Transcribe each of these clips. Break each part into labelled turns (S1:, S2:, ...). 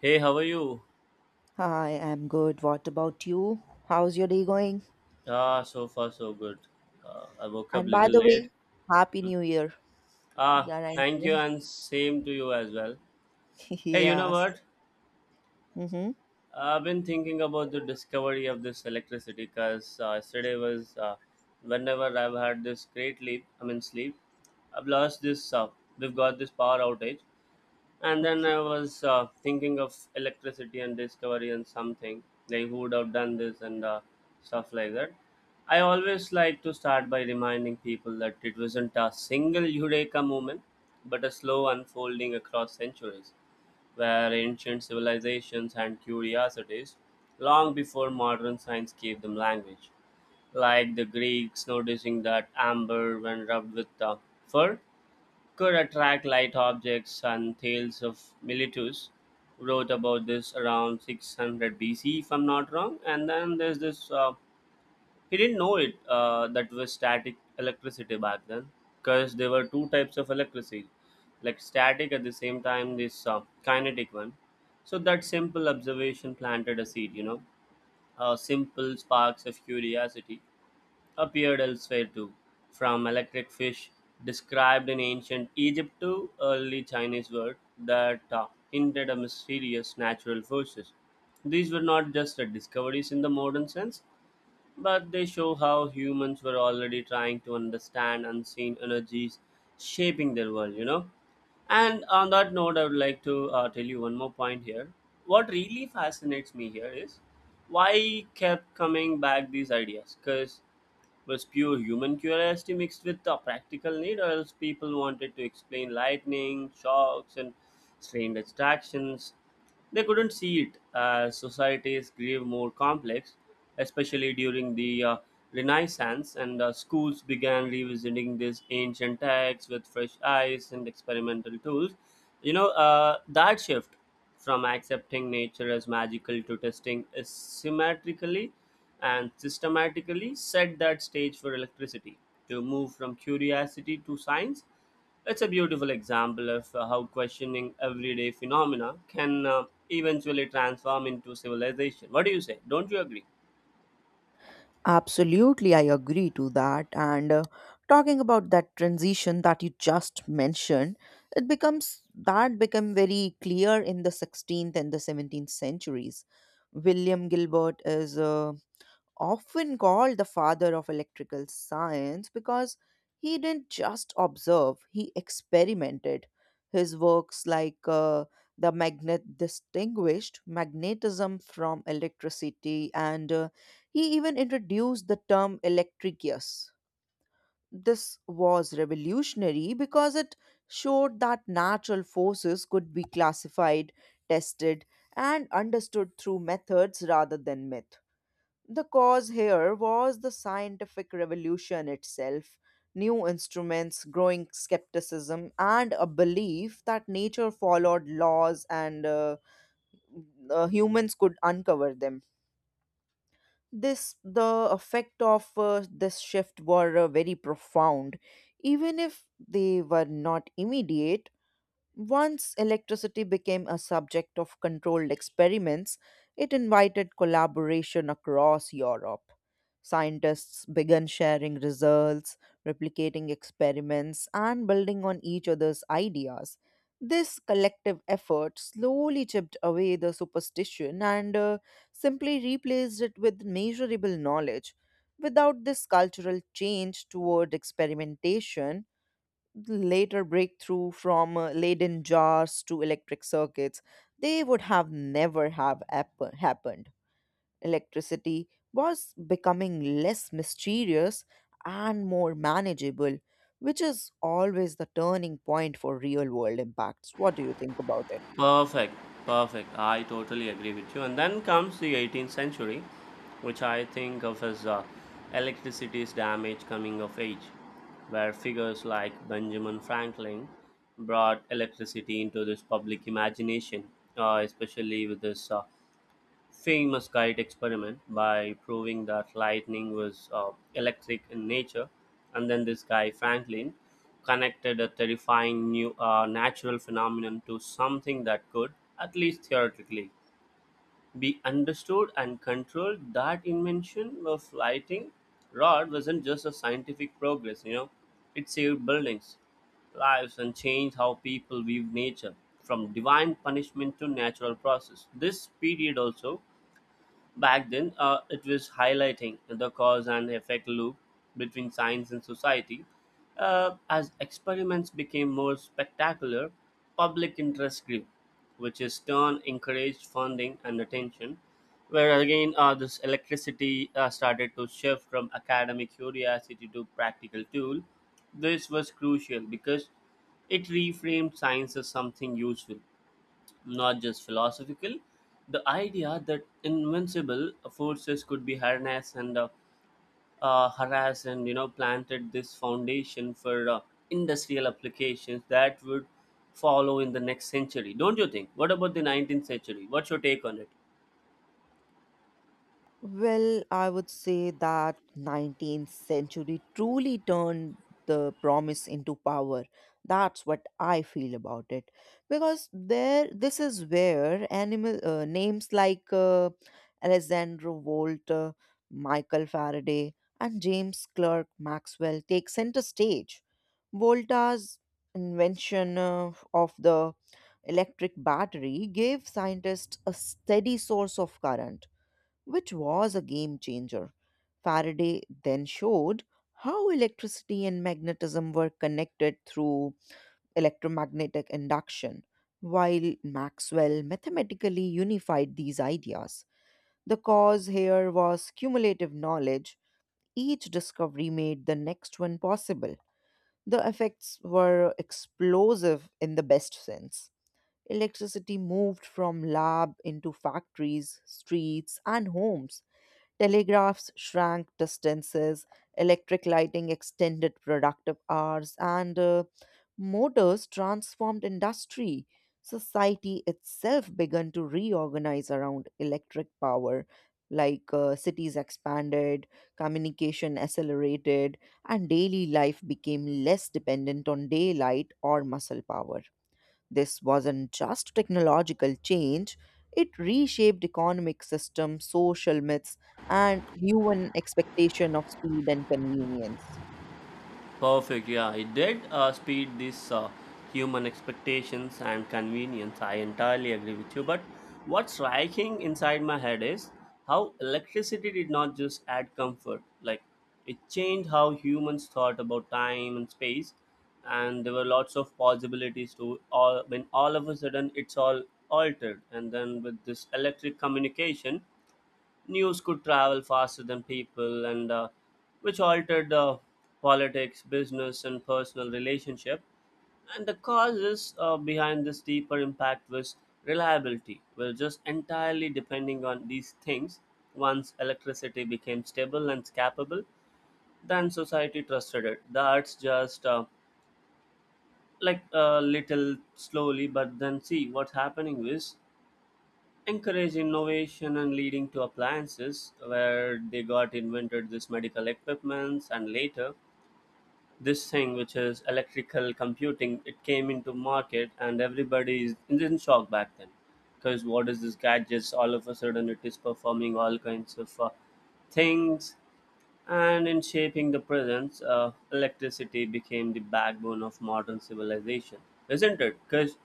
S1: Hey, how are you?
S2: Hi, I'm good. What about you? How's your day going?
S1: Ah, so far so good. I woke up a
S2: And by
S1: little
S2: the
S1: late.
S2: way, happy new year.
S1: Ah,
S2: Yeah, I'm
S1: thank you,
S2: kidding.
S1: and same to you as well. Hey, you know
S2: Yes.
S1: what?
S2: Mm-hmm.
S1: I've been thinking about the discovery of this electricity because yesterday was whenever I've had this great leap. I mean sleep. I've lost this. We've got this power outage, and then
S2: Okay.
S1: I was thinking of electricity and discovery and something like who would have done this and stuff like that. I always like to start by reminding people that it wasn't a single eureka moment, but a slow unfolding across centuries where ancient civilizations and curiosities, long before modern science gave them language, like the Greeks noticing that amber when rubbed with fur, could attract light objects. And tales of Miletus wrote about this around 600 BC, if I'm not wrong. And then there's this, he didn't know it, that was static electricity back then, because there were two types of electricity, like static, at the same time, this kinetic one. So that simple observation planted a seed, you know, simple sparks of curiosity appeared elsewhere too, from electric fish described in ancient Egypt to early Chinese words that hinted at mysterious natural forces. These were not just the discoveries in the modern sense, but they show how humans were already trying to understand unseen energies shaping their world, you know. And on that note, I would like to tell you one more point here. What really fascinates me here is why kept coming back these ideas, because was pure human curiosity mixed with a practical need, or else people wanted to explain lightning, shocks, and strange attractions. They couldn't see it. As societies grew more complex, especially during the Renaissance, and schools began revisiting these ancient texts with fresh eyes and experimental tools. You know, that shift from accepting nature as magical to testing is symmetrically and systematically set that stage for electricity to move from curiosity to science. It's a beautiful example of how questioning everyday phenomena can eventually transform into civilization. What do you say? Don't you agree?
S2: Absolutely, I agree to that. And Talking about that transition that you just mentioned, it becomes that become very clear in the 16th and the 17th centuries. William Gilbert is often called the father of electrical science because he didn't just observe, he experimented. His works, like the magnet, distinguished magnetism from electricity, and he even introduced the term electricus. This was revolutionary because it showed that natural forces could be classified, tested, and understood through methods rather than myth. The cause here was the scientific revolution itself: new instruments, growing skepticism, and a belief that nature followed laws, and humans could uncover them. This the effect of this shift were very profound, even if they were not immediate. Once electricity became a subject of controlled experiments, it invited collaboration across Europe. Scientists began sharing results, replicating experiments, and building on each other's ideas. This collective effort slowly chipped away the superstition and simply replaced it with measurable knowledge. Without this cultural change toward experimentation, later breakthrough from Leyden jars to electric circuits, they would have never have app- happened. Electricity was becoming less mysterious and more manageable, which is always the turning point for real world impacts. What do you think about it?
S1: Perfect, perfect. I totally agree with you. And then comes the 18th century, which I think of as electricity's damage coming of age, where figures like Benjamin Franklin brought electricity into this public imagination, especially with this. Famous kite experiment by proving that lightning was electric in nature. And then this guy, Franklin, connected a terrifying new natural phenomenon to something that could, at least theoretically, be understood and controlled. That invention of lighting rod wasn't just a scientific progress, you know, it saved buildings, lives, and changed how people view nature from divine punishment to natural process. This period also, back then, it was highlighting the cause and effect loop between science and society. As experiments became more spectacular, public interest grew, which in turn encouraged funding and attention. Where again, this electricity started to shift from academic curiosity to practical tool. This was crucial because it reframed science as something useful, not just philosophical. The idea that invincible forces could be harnessed and harassed, and planted this foundation for industrial applications that would follow in the next century. Don't you think? What about the 19th century? What's your take on it?
S2: Well, I would say that 19th century truly turned the promise into power. That's what I feel about it. Because there this is where animal names like Alexander Volt, Michael Faraday and James Clerk Maxwell take center stage. Volta's invention of the electric battery gave scientists a steady source of current, which was a game changer. Faraday then showed how electricity and magnetism were connected through electromagnetic induction, while Maxwell mathematically unified these ideas. The cause here was cumulative knowledge; each discovery made the next one possible. The effects were explosive in the best sense. Electricity moved from lab into factories, streets, and homes. Telegraphs shrank distances, electric lighting extended productive hours, and motors transformed industry. Society itself began to reorganize around electric power. Like cities expanded, communication accelerated, and daily life became less dependent on daylight or muscle power. This wasn't just technological change, it reshaped economic systems, social myths, and human expectation of speed and convenience.
S1: Perfect. Yeah, it did speed this human expectations and convenience. I entirely agree with you. But what's striking inside my head is how electricity did not just add comfort. Like, it changed how humans thought about time and space, and there were lots of possibilities to all, when all of a sudden it's all altered. And then with this electric communication, news could travel faster than people, and which altered politics, business and personal relationship. And the causes behind this deeper impact was reliability. We're just entirely depending on these things. Once electricity became stable and scapable, then society trusted it. That's just like a little slowly, but then see what's happening is encourage innovation and leading to appliances where they got invented, this medical equipments, and later this thing which is electrical computing, it came into market and everybody is in shock back then, because what is this gadgets, all of a sudden it is performing all kinds of things. And in shaping the presence, electricity became the backbone of modern civilization, isn't it? Because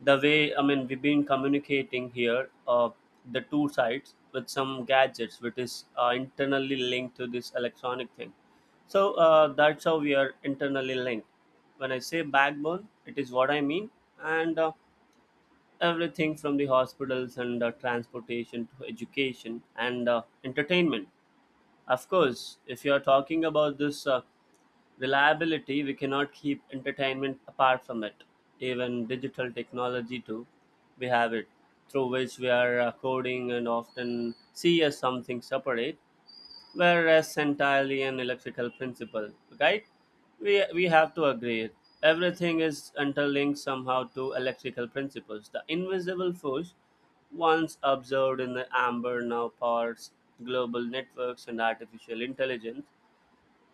S1: the way, I mean, we've been communicating here, the two sides with some gadgets, which is internally linked to this electronic thing. So that's how we are internally linked. When I say backbone, it is what I mean, and everything from the hospitals and transportation to education and entertainment, of course, if you are talking about this reliability, we cannot keep entertainment apart from it. Even digital technology, too, we have it, through which we are coding, and often see as something separate, whereas entirely an electrical principle, right? We have to agree. Everything is interlinked somehow to electrical principles. The invisible force, once observed in the amber, now powers global networks and artificial intelligence.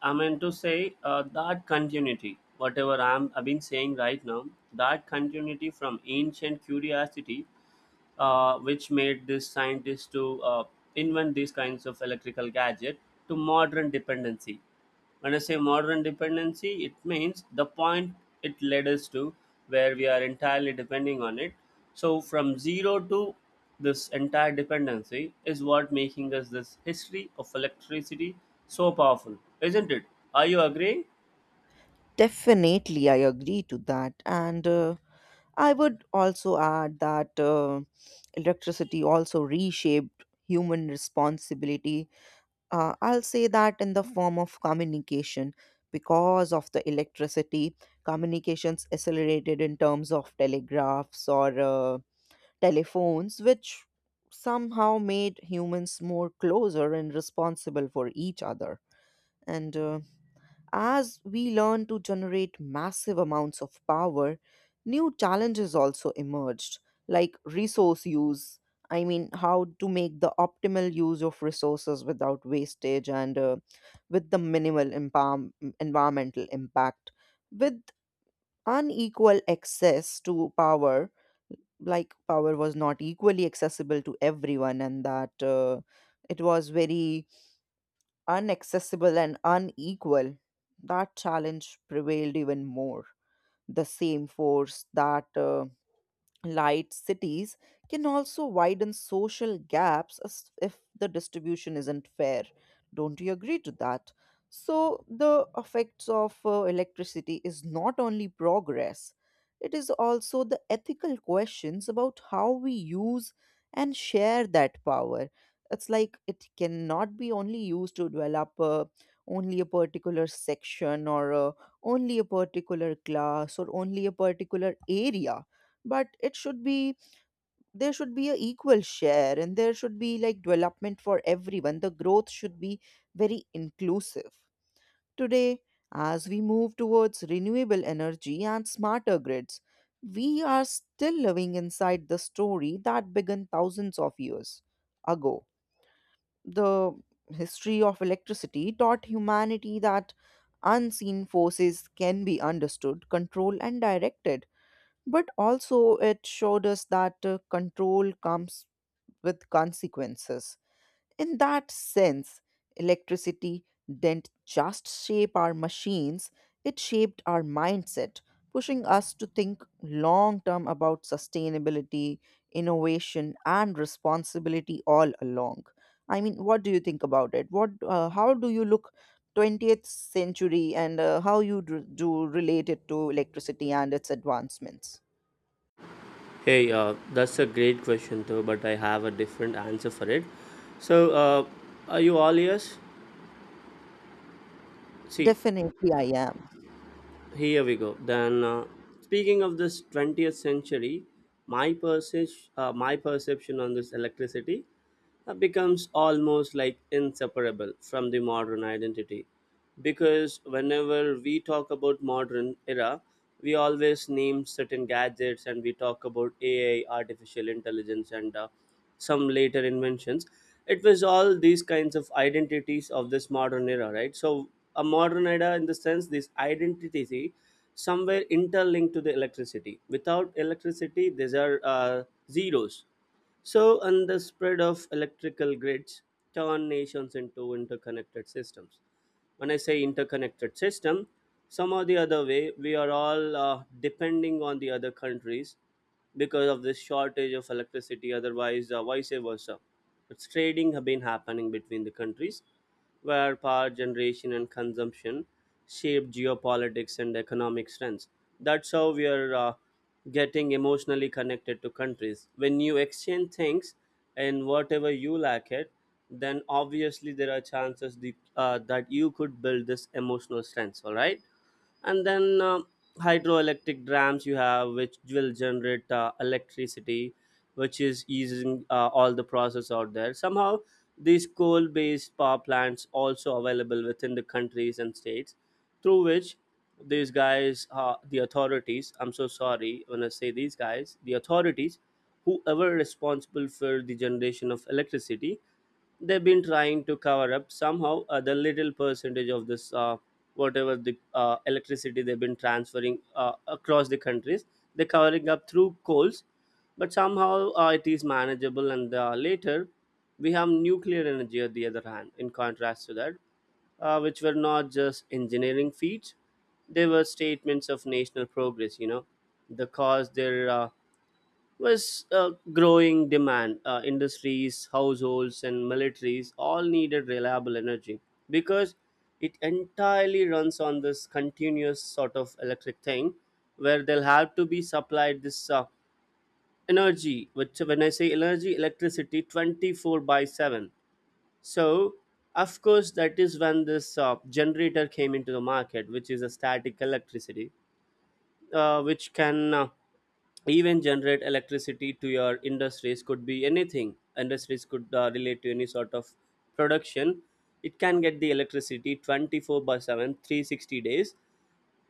S1: I mean to say that continuity, whatever I've been saying right now, that continuity from ancient curiosity, which made this scientist to invent these kinds of electrical gadget, to modern dependency. When I say modern dependency, it means the point it led us to, where we are entirely depending on it. So from zero to this entire dependency is what making us this history of electricity so powerful, isn't it? Are you agreeing?
S2: Definitely, I agree to that. And I would also add that electricity also reshaped human responsibility. I'll say that in the form of communication. Because of the electricity, communications accelerated in terms of telegraphs or telephones, which somehow made humans more closer and responsible for each other. And As we learn to generate massive amounts of power, new challenges also emerged, like resource use. I mean, how to make the optimal use of resources without wastage and with the minimal environmental impact. With unequal access to power, like power was not equally accessible to everyone, and that it was very unaccessible and unequal, that challenge prevailed even more. The same force that light cities can also widen social gaps, as- if the distribution isn't fair. Don't you agree to that? So, the effects of electricity is not only progress, it is also the ethical questions about how we use and share that power. It's like it cannot be only used to develop only a particular section, or only a particular class, or only a particular area, but it should be, there should be a equal share, and there should be like development for everyone. The growth should be very inclusive. Today, as we move towards renewable energy and smarter grids, we are still living inside the story that began thousands of years ago. The history of electricity taught humanity that unseen forces can be understood, controlled, and directed, but also, it showed us that control comes with consequences. In that sense, electricity didn't just shape our machines, it shaped our mindset, pushing us to think long term about sustainability, innovation, and responsibility all along. I mean, what do you think about it? What, how do you look 20th century, and how you do relate it to electricity and its advancements?
S1: Hey, that's a great question though, but I have a different answer for it. So, are you all ears? See,
S2: Definitely, I am.
S1: here we go. Then, speaking of this 20th century, my, my perception on this electricity becomes almost like inseparable from the modern identity, because whenever we talk about modern era, we always name certain gadgets and we talk about ai, artificial intelligence, and some later inventions. It was all these kinds of identities of this modern era, right? So a modern era in the sense, this identity somewhere interlinked to the electricity. Without electricity, these are zeros. So, and the spread of electrical grids turn nations into interconnected systems. When I say interconnected system, some or the other way, we are all depending on the other countries because of this shortage of electricity, otherwise, vice versa. It's trading have been happening between the countries where power generation and consumption shape geopolitics and economic trends. That's how we are getting emotionally connected to countries. When you exchange things and whatever you lack it, then obviously there are chances that you could build this emotional strength. All right. And then hydroelectric dams you have which will generate electricity, which is easing all the process out there somehow. These coal based power plants also available within the countries and states, through which these guys, the authorities, I'm so sorry, when I say these guys the authorities, whoever responsible for the generation of electricity, they've been trying to cover up somehow the little percentage of this, whatever the electricity they've been transferring across the countries, they're covering up through coals. But somehow it is manageable. And later we have nuclear energy on the other hand, in contrast to that, which were not just engineering feats, they were statements of national progress, you know. The cause their was a growing demand. Industries, households, and militaries all needed reliable energy, because it entirely runs on this continuous sort of electric thing, where they'll have to be supplied this energy, which when I say energy, electricity 24 by 7. So, of course, that is when this generator came into the market, which is a static electricity, which can. Even generate electricity to your industries. Could be anything. Industries could relate to any sort of production. It can get the electricity 24 by 7, 360 days,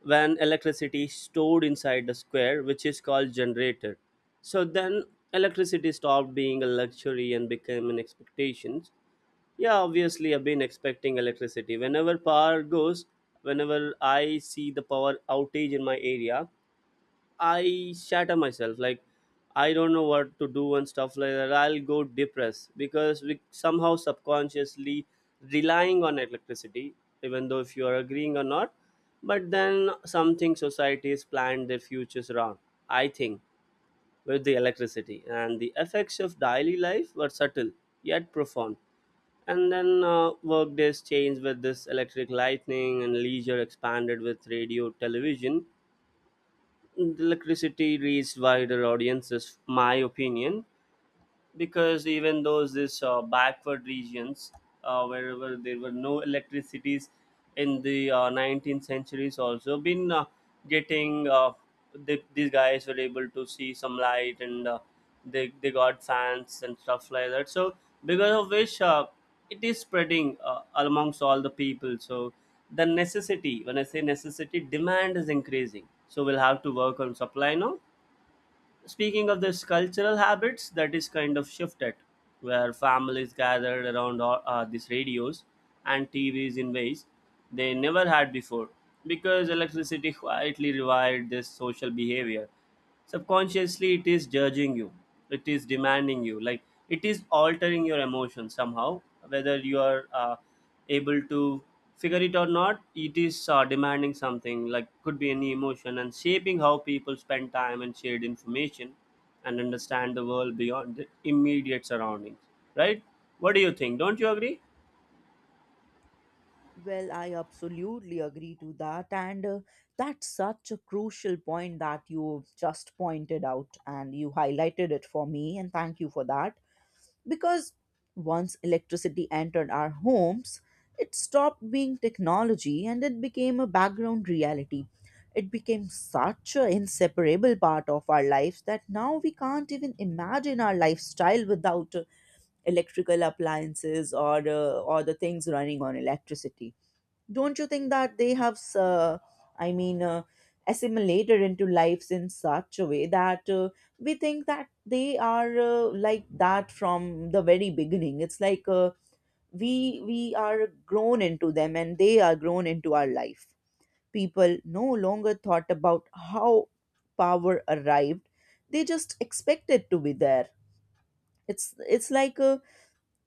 S1: when electricity is stored inside the square, which is called generator. So then electricity stopped being a luxury and became an expectation. Yeah, obviously, I've been expecting electricity. Whenever power goes, whenever I see the power outage in my area, I shatter myself. Like, I don't know what to do and stuff like that. I'll go depressed because we somehow subconsciously relying on electricity, even though if you are agreeing or not. But then something societies planned their futures around. I think with the electricity and the effects of daily life were subtle yet profound. And then work days changed with this electric lightning, and leisure expanded with radio, television. Electricity reached wider audiences, my opinion, because even those this backward regions, wherever there were no electricities in the 19th centuries, also been getting these guys were able to see some light, and they got fans and stuff like that. So because of which it is spreading amongst all the people. So the necessity, when I say necessity, demand is increasing, so we'll have to work on supply now. Speaking of this cultural habits, that is kind of shifted, where families gathered around all, these radios and TVs in ways they never had before, because electricity quietly revived this social behavior. Subconsciously, it is judging you, it is demanding you, like it is altering your emotions somehow, whether you are. Able to figure it or not. It is demanding something, like could be any emotion, and shaping how people spend time and shared information and understand the world beyond the immediate surroundings, right? What do you think? Don't you agree?
S2: Well, I absolutely agree to that. And That's such a crucial point that you just pointed out and you highlighted it for me. And thank you for that. Because once electricity entered our homes, it stopped being technology and it became a background reality. It became such an inseparable part of our lives that now we can't even imagine our lifestyle without electrical appliances or or the things running on electricity. Don't you think that they have, uh, I mean, assimilated into lives in such a way that we think that they are like that from the very beginning? It's like we we are grown into them and they are grown into our life. People no longer thought about how power arrived, they just expected to be there. It's like a,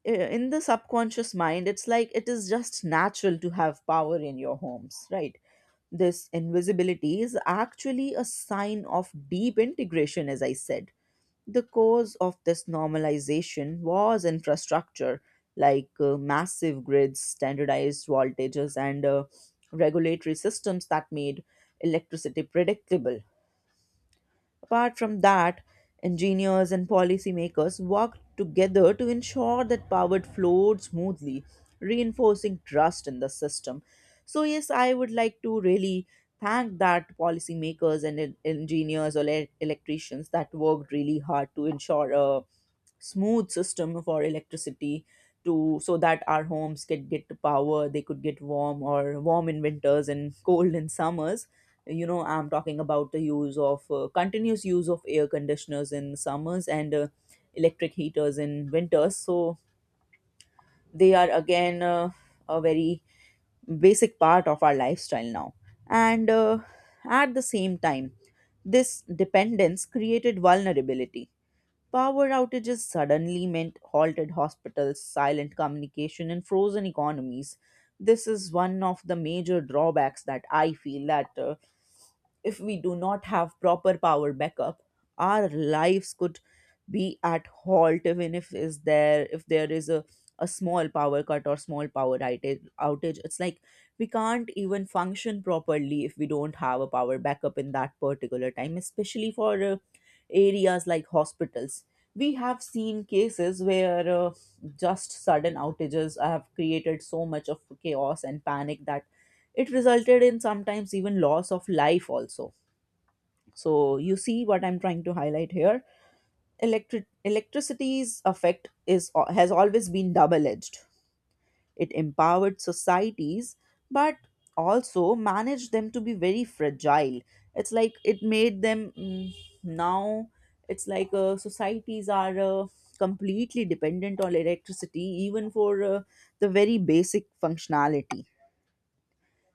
S2: in the subconscious mind, it's like it is just natural to have power in your homes, right? This invisibility is actually a sign of deep integration. As I said, the cause of this normalization was infrastructure, like massive grids, standardized voltages, and regulatory systems that made electricity predictable. Apart from that, engineers and policymakers work together to ensure that power flowed smoothly, reinforcing trust in the system. So, yes, I would like to really thank that policymakers and engineers or electricians that worked really hard to ensure a smooth system for electricity, to, so that our homes could get power. They could get warm in winters and cold in summers. You know, I'm talking about the use of continuous use of air conditioners in summers and electric heaters in winters. So they are again a very basic part of our lifestyle now. And At the same time, this dependence created vulnerability. Power outages suddenly meant halted hospitals, silent communication, and frozen economies. This is one of the major drawbacks that I feel, that if we do not have proper power backup, our lives could be at halt. Even if is there, if there is a small power cut or small power outage. It's like we can't even function properly if we don't have a power backup in that particular time, especially for areas like hospitals. We have seen cases where just sudden outages have created so much of chaos and panic that it resulted in sometimes even loss of life also. So you see what I'm trying to highlight here. Electricity's effect is has always been double-edged. It empowered societies, but also managed them to be very fragile. It's like it made them, now. It's like societies are completely dependent on electricity, even for the very basic functionality,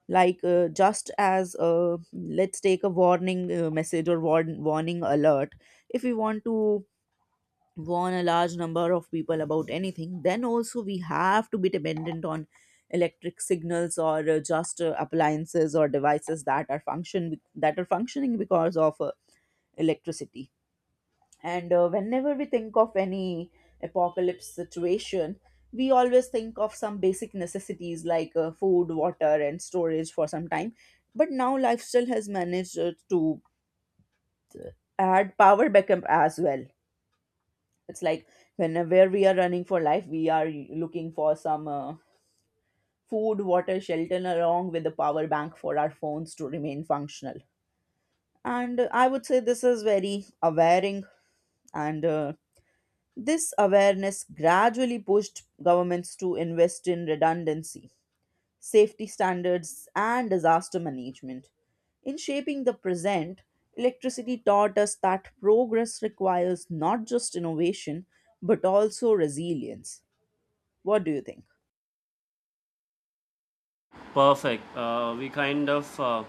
S2: like just as let's take a warning message or warning alert. If we want to warn a large number of people about anything, then also we have to be dependent on electric signals or just appliances or devices that are functioning because of electricity. And Whenever we think of any apocalypse situation, we always think of some basic necessities, like food, water, and storage for some time. But now lifestyle has managed to add power backup as well. It's like whenever we are running for life, we are looking for some food, water, shelter, along with the power bank for our phones to remain functional. And I would say this is very awareing and this awareness gradually pushed governments to invest in redundancy, safety standards, and disaster management. In shaping the present, electricity taught us that progress requires not just innovation but also resilience. What do you think?
S1: Perfect. We kind of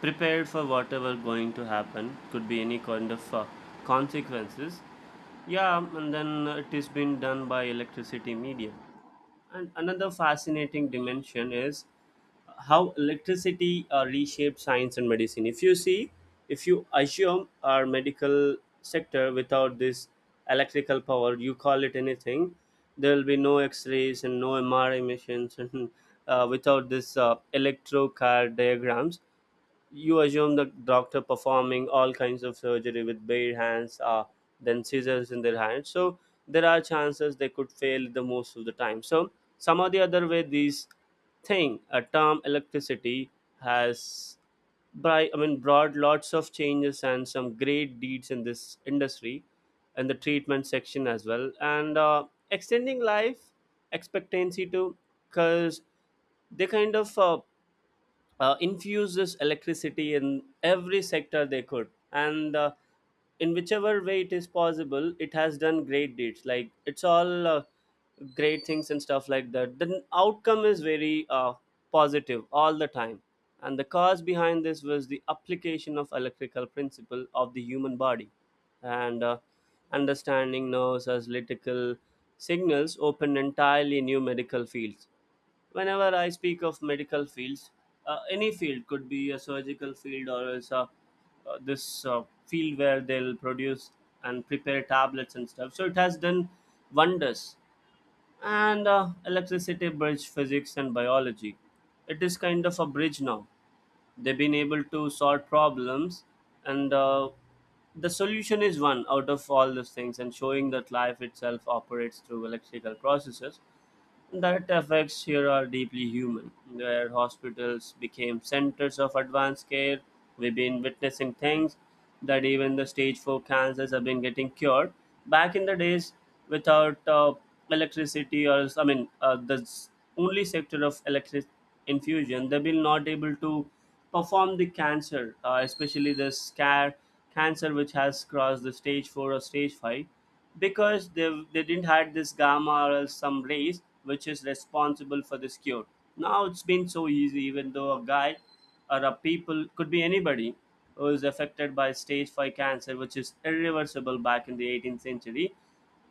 S1: prepared for whatever going to happen, could be any kind of consequences. Yeah, and then it is being done by electricity media. And another fascinating dimension is how electricity reshaped science and medicine. If you see, if you assume our medical sector without this electrical power, you call it anything, there will be no X-rays and no MRI missions, and without this electrocard diagrams, you assume the doctor performing all kinds of surgery with bare hands, then scissors in their hands. So there are chances they could fail the most of the time. So some or the other way, these thing, a term electricity has, by I mean brought lots of changes and some great deeds in this industry and the treatment section as well, and extending life expectancy too, because they kind of infuse this electricity in every sector they could, and in whichever way it is possible, it has done great deeds, like it's all great things and stuff like that. The outcome is very positive all the time. And the cause behind this was the application of electrical principle of the human body, and understanding nerves as lytical signals opened entirely new medical fields. Whenever I speak of medical fields, any field could be a surgical field, or else a, this field where they'll produce and prepare tablets and stuff, so it has done wonders. And electricity bridge physics and biology. It is kind of a bridge now. They've been able to solve problems, and the solution is one out of all those things, and showing that life itself operates through electrical processes. That effects here are deeply human, where hospitals became centers of advanced care. We've been witnessing things that even the stage 4 cancers have been getting cured. Back in the days, without electricity, or I mean, only sector of electric infusion, they've been not able to perform the cancer, especially the scar cancer which has crossed the stage 4 or stage 5, because they didn't had this gamma or else some rays which is responsible for this cure. Now it's been so easy, even though a guy or a people, could be anybody, who is affected by stage 5 cancer which is irreversible back in the 18th century,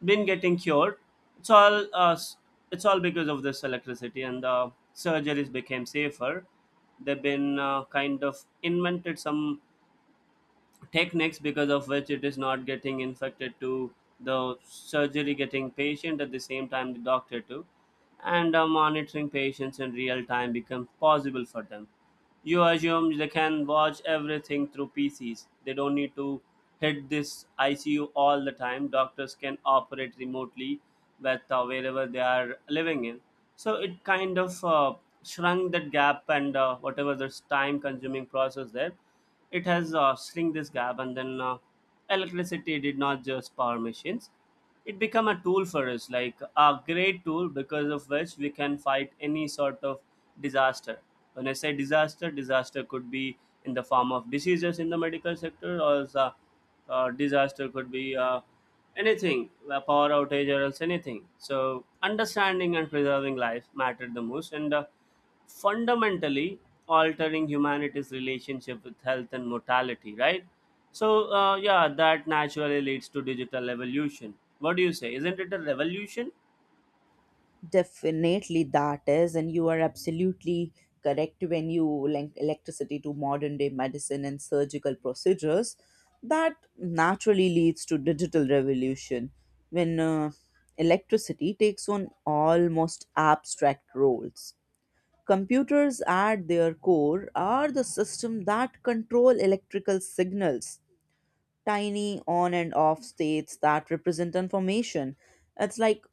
S1: been getting cured. it's all uh, s- it's all because of this electricity. And the surgeries became safer. They've been kind of invented some techniques because of which it is not getting infected to the surgery getting patient, at the same time the doctor too. And monitoring patients in real time become possible for them. You assume they can watch everything through PCs. They don't need to hit this ICU all the time. Doctors can operate remotely with wherever they are living in. So it kind of shrunk that gap, and whatever this time consuming process there, it has shrink this gap. And then electricity did not just power machines, it become a tool for us, like a great tool, because of which we can fight any sort of disaster. When I say disaster, disaster could be in the form of diseases in the medical sector, or the disaster could be anything, a power outage or else anything. So understanding and preserving life mattered the most, and fundamentally altering humanity's relationship with health and mortality, right? So, yeah, that naturally leads to digital evolution. What do you say? Isn't it a revolution?
S2: Definitely that is, and you are absolutely correct when you link electricity to modern day medicine and surgical procedures. That naturally leads to digital revolution when electricity takes on almost abstract roles. Computers at their core are the system that control electrical signals, tiny on and off states that represent information. It's like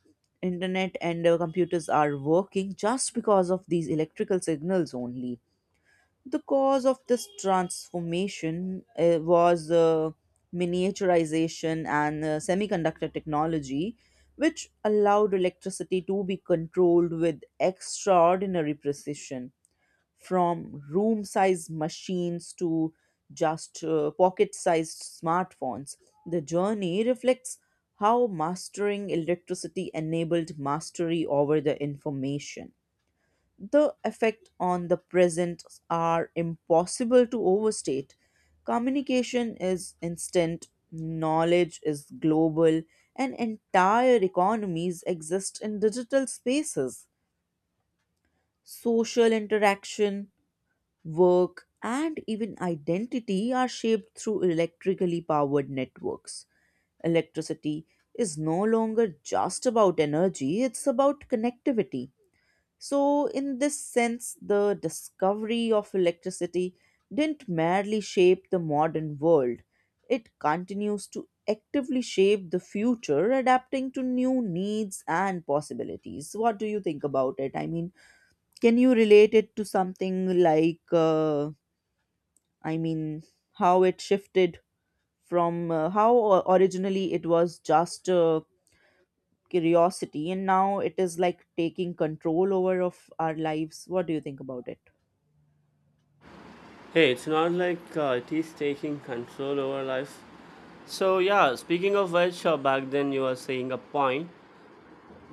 S2: internet and computers are working just because of these electrical signals only. The cause of this transformation was miniaturization and semiconductor technology, which allowed electricity to be controlled with extraordinary precision, from room sized machines to just pocket sized smartphones. The journey reflects how mastering electricity enabled mastery over the information. The effect on the present are impossible to overstate. Communication is instant, knowledge is global, and entire economies exist in digital spaces. Social interaction, work, and even identity are shaped through electrically powered networks. Electricity is no longer just about energy, it's about connectivity. So, in this sense, the discovery of electricity didn't merely shape the modern world, it continues to actively shape the future, adapting to new needs and possibilities. What do you think about it? I mean, can you relate it to something like? I mean, how it shifted from how originally it was just curiosity, and now it is like taking control over of our lives. What do you think about it?
S1: Hey, it's not like it is taking control over life. So, yeah, speaking of which, back then you were saying a point.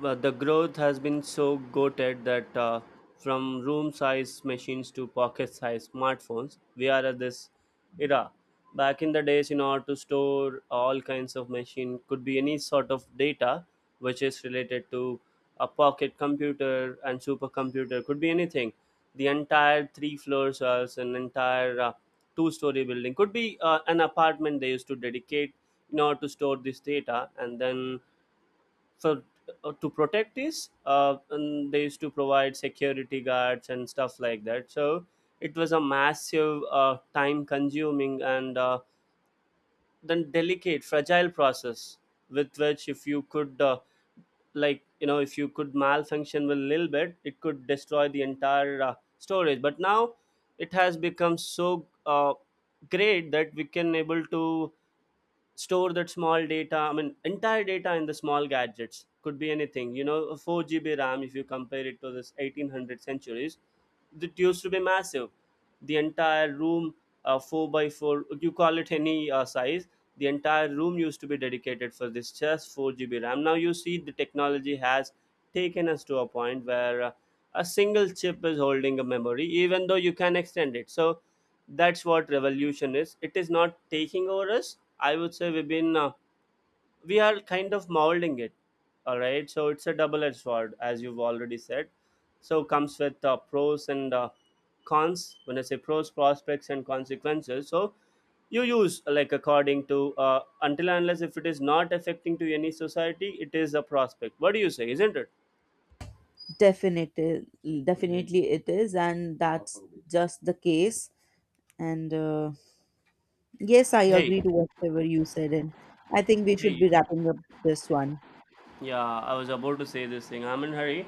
S1: Well, the growth has been so goated that from room-sized machines to pocket-sized smartphones, we are at this era. Back in the days, in order to store all kinds of machine, could be any sort of data which is related to a pocket computer and supercomputer, could be anything. The entire three floors, or an entire two-story building, could be an apartment they used to dedicate in order to store this data. And then, so to protect this and they used to provide security guards and stuff like that. So it was a massive, time consuming, and then delicate, fragile process, with which if you could like if you could malfunction with a little bit, it could destroy the entire storage. But now it has become so great that we can able to store that small data, I mean entire data, in the small gadgets, could be anything, a 4 GB ram if you compare it to this 1800 centuries, that used to be massive. The entire room, 4 by 4, you call it any size, the entire room used to be dedicated for this just 4 GB ram. Now you see the technology has taken us to a point where a single chip is holding a memory, even though you can extend it. So that's what revolution is. It is not taking over us, I would say. We are kind of molding it. All right, so it's a double edged sword, as you've already said. So comes with pros and cons. When I say pros, prospects and consequences. So you use, like, according to until and unless, if it is not affecting to any society, it is a prospect. What do you say, isn't it?
S2: Definitely, definitely it is, and that's just the case. And Yes, I
S1: Hey,
S2: agree to whatever you said, and I think we should
S1: hey.
S2: be wrapping up this one.
S1: Yeah, I was about to say this thing. I'm in hurry.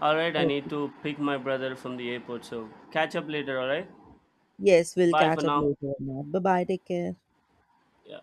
S1: All right, I need
S2: Okay.
S1: to pick my brother from the airport, so catch up later, all right?
S2: Yes, we'll
S1: Bye for
S2: catch up
S1: now.
S2: later on that. Bye bye. Take care.
S1: Yeah.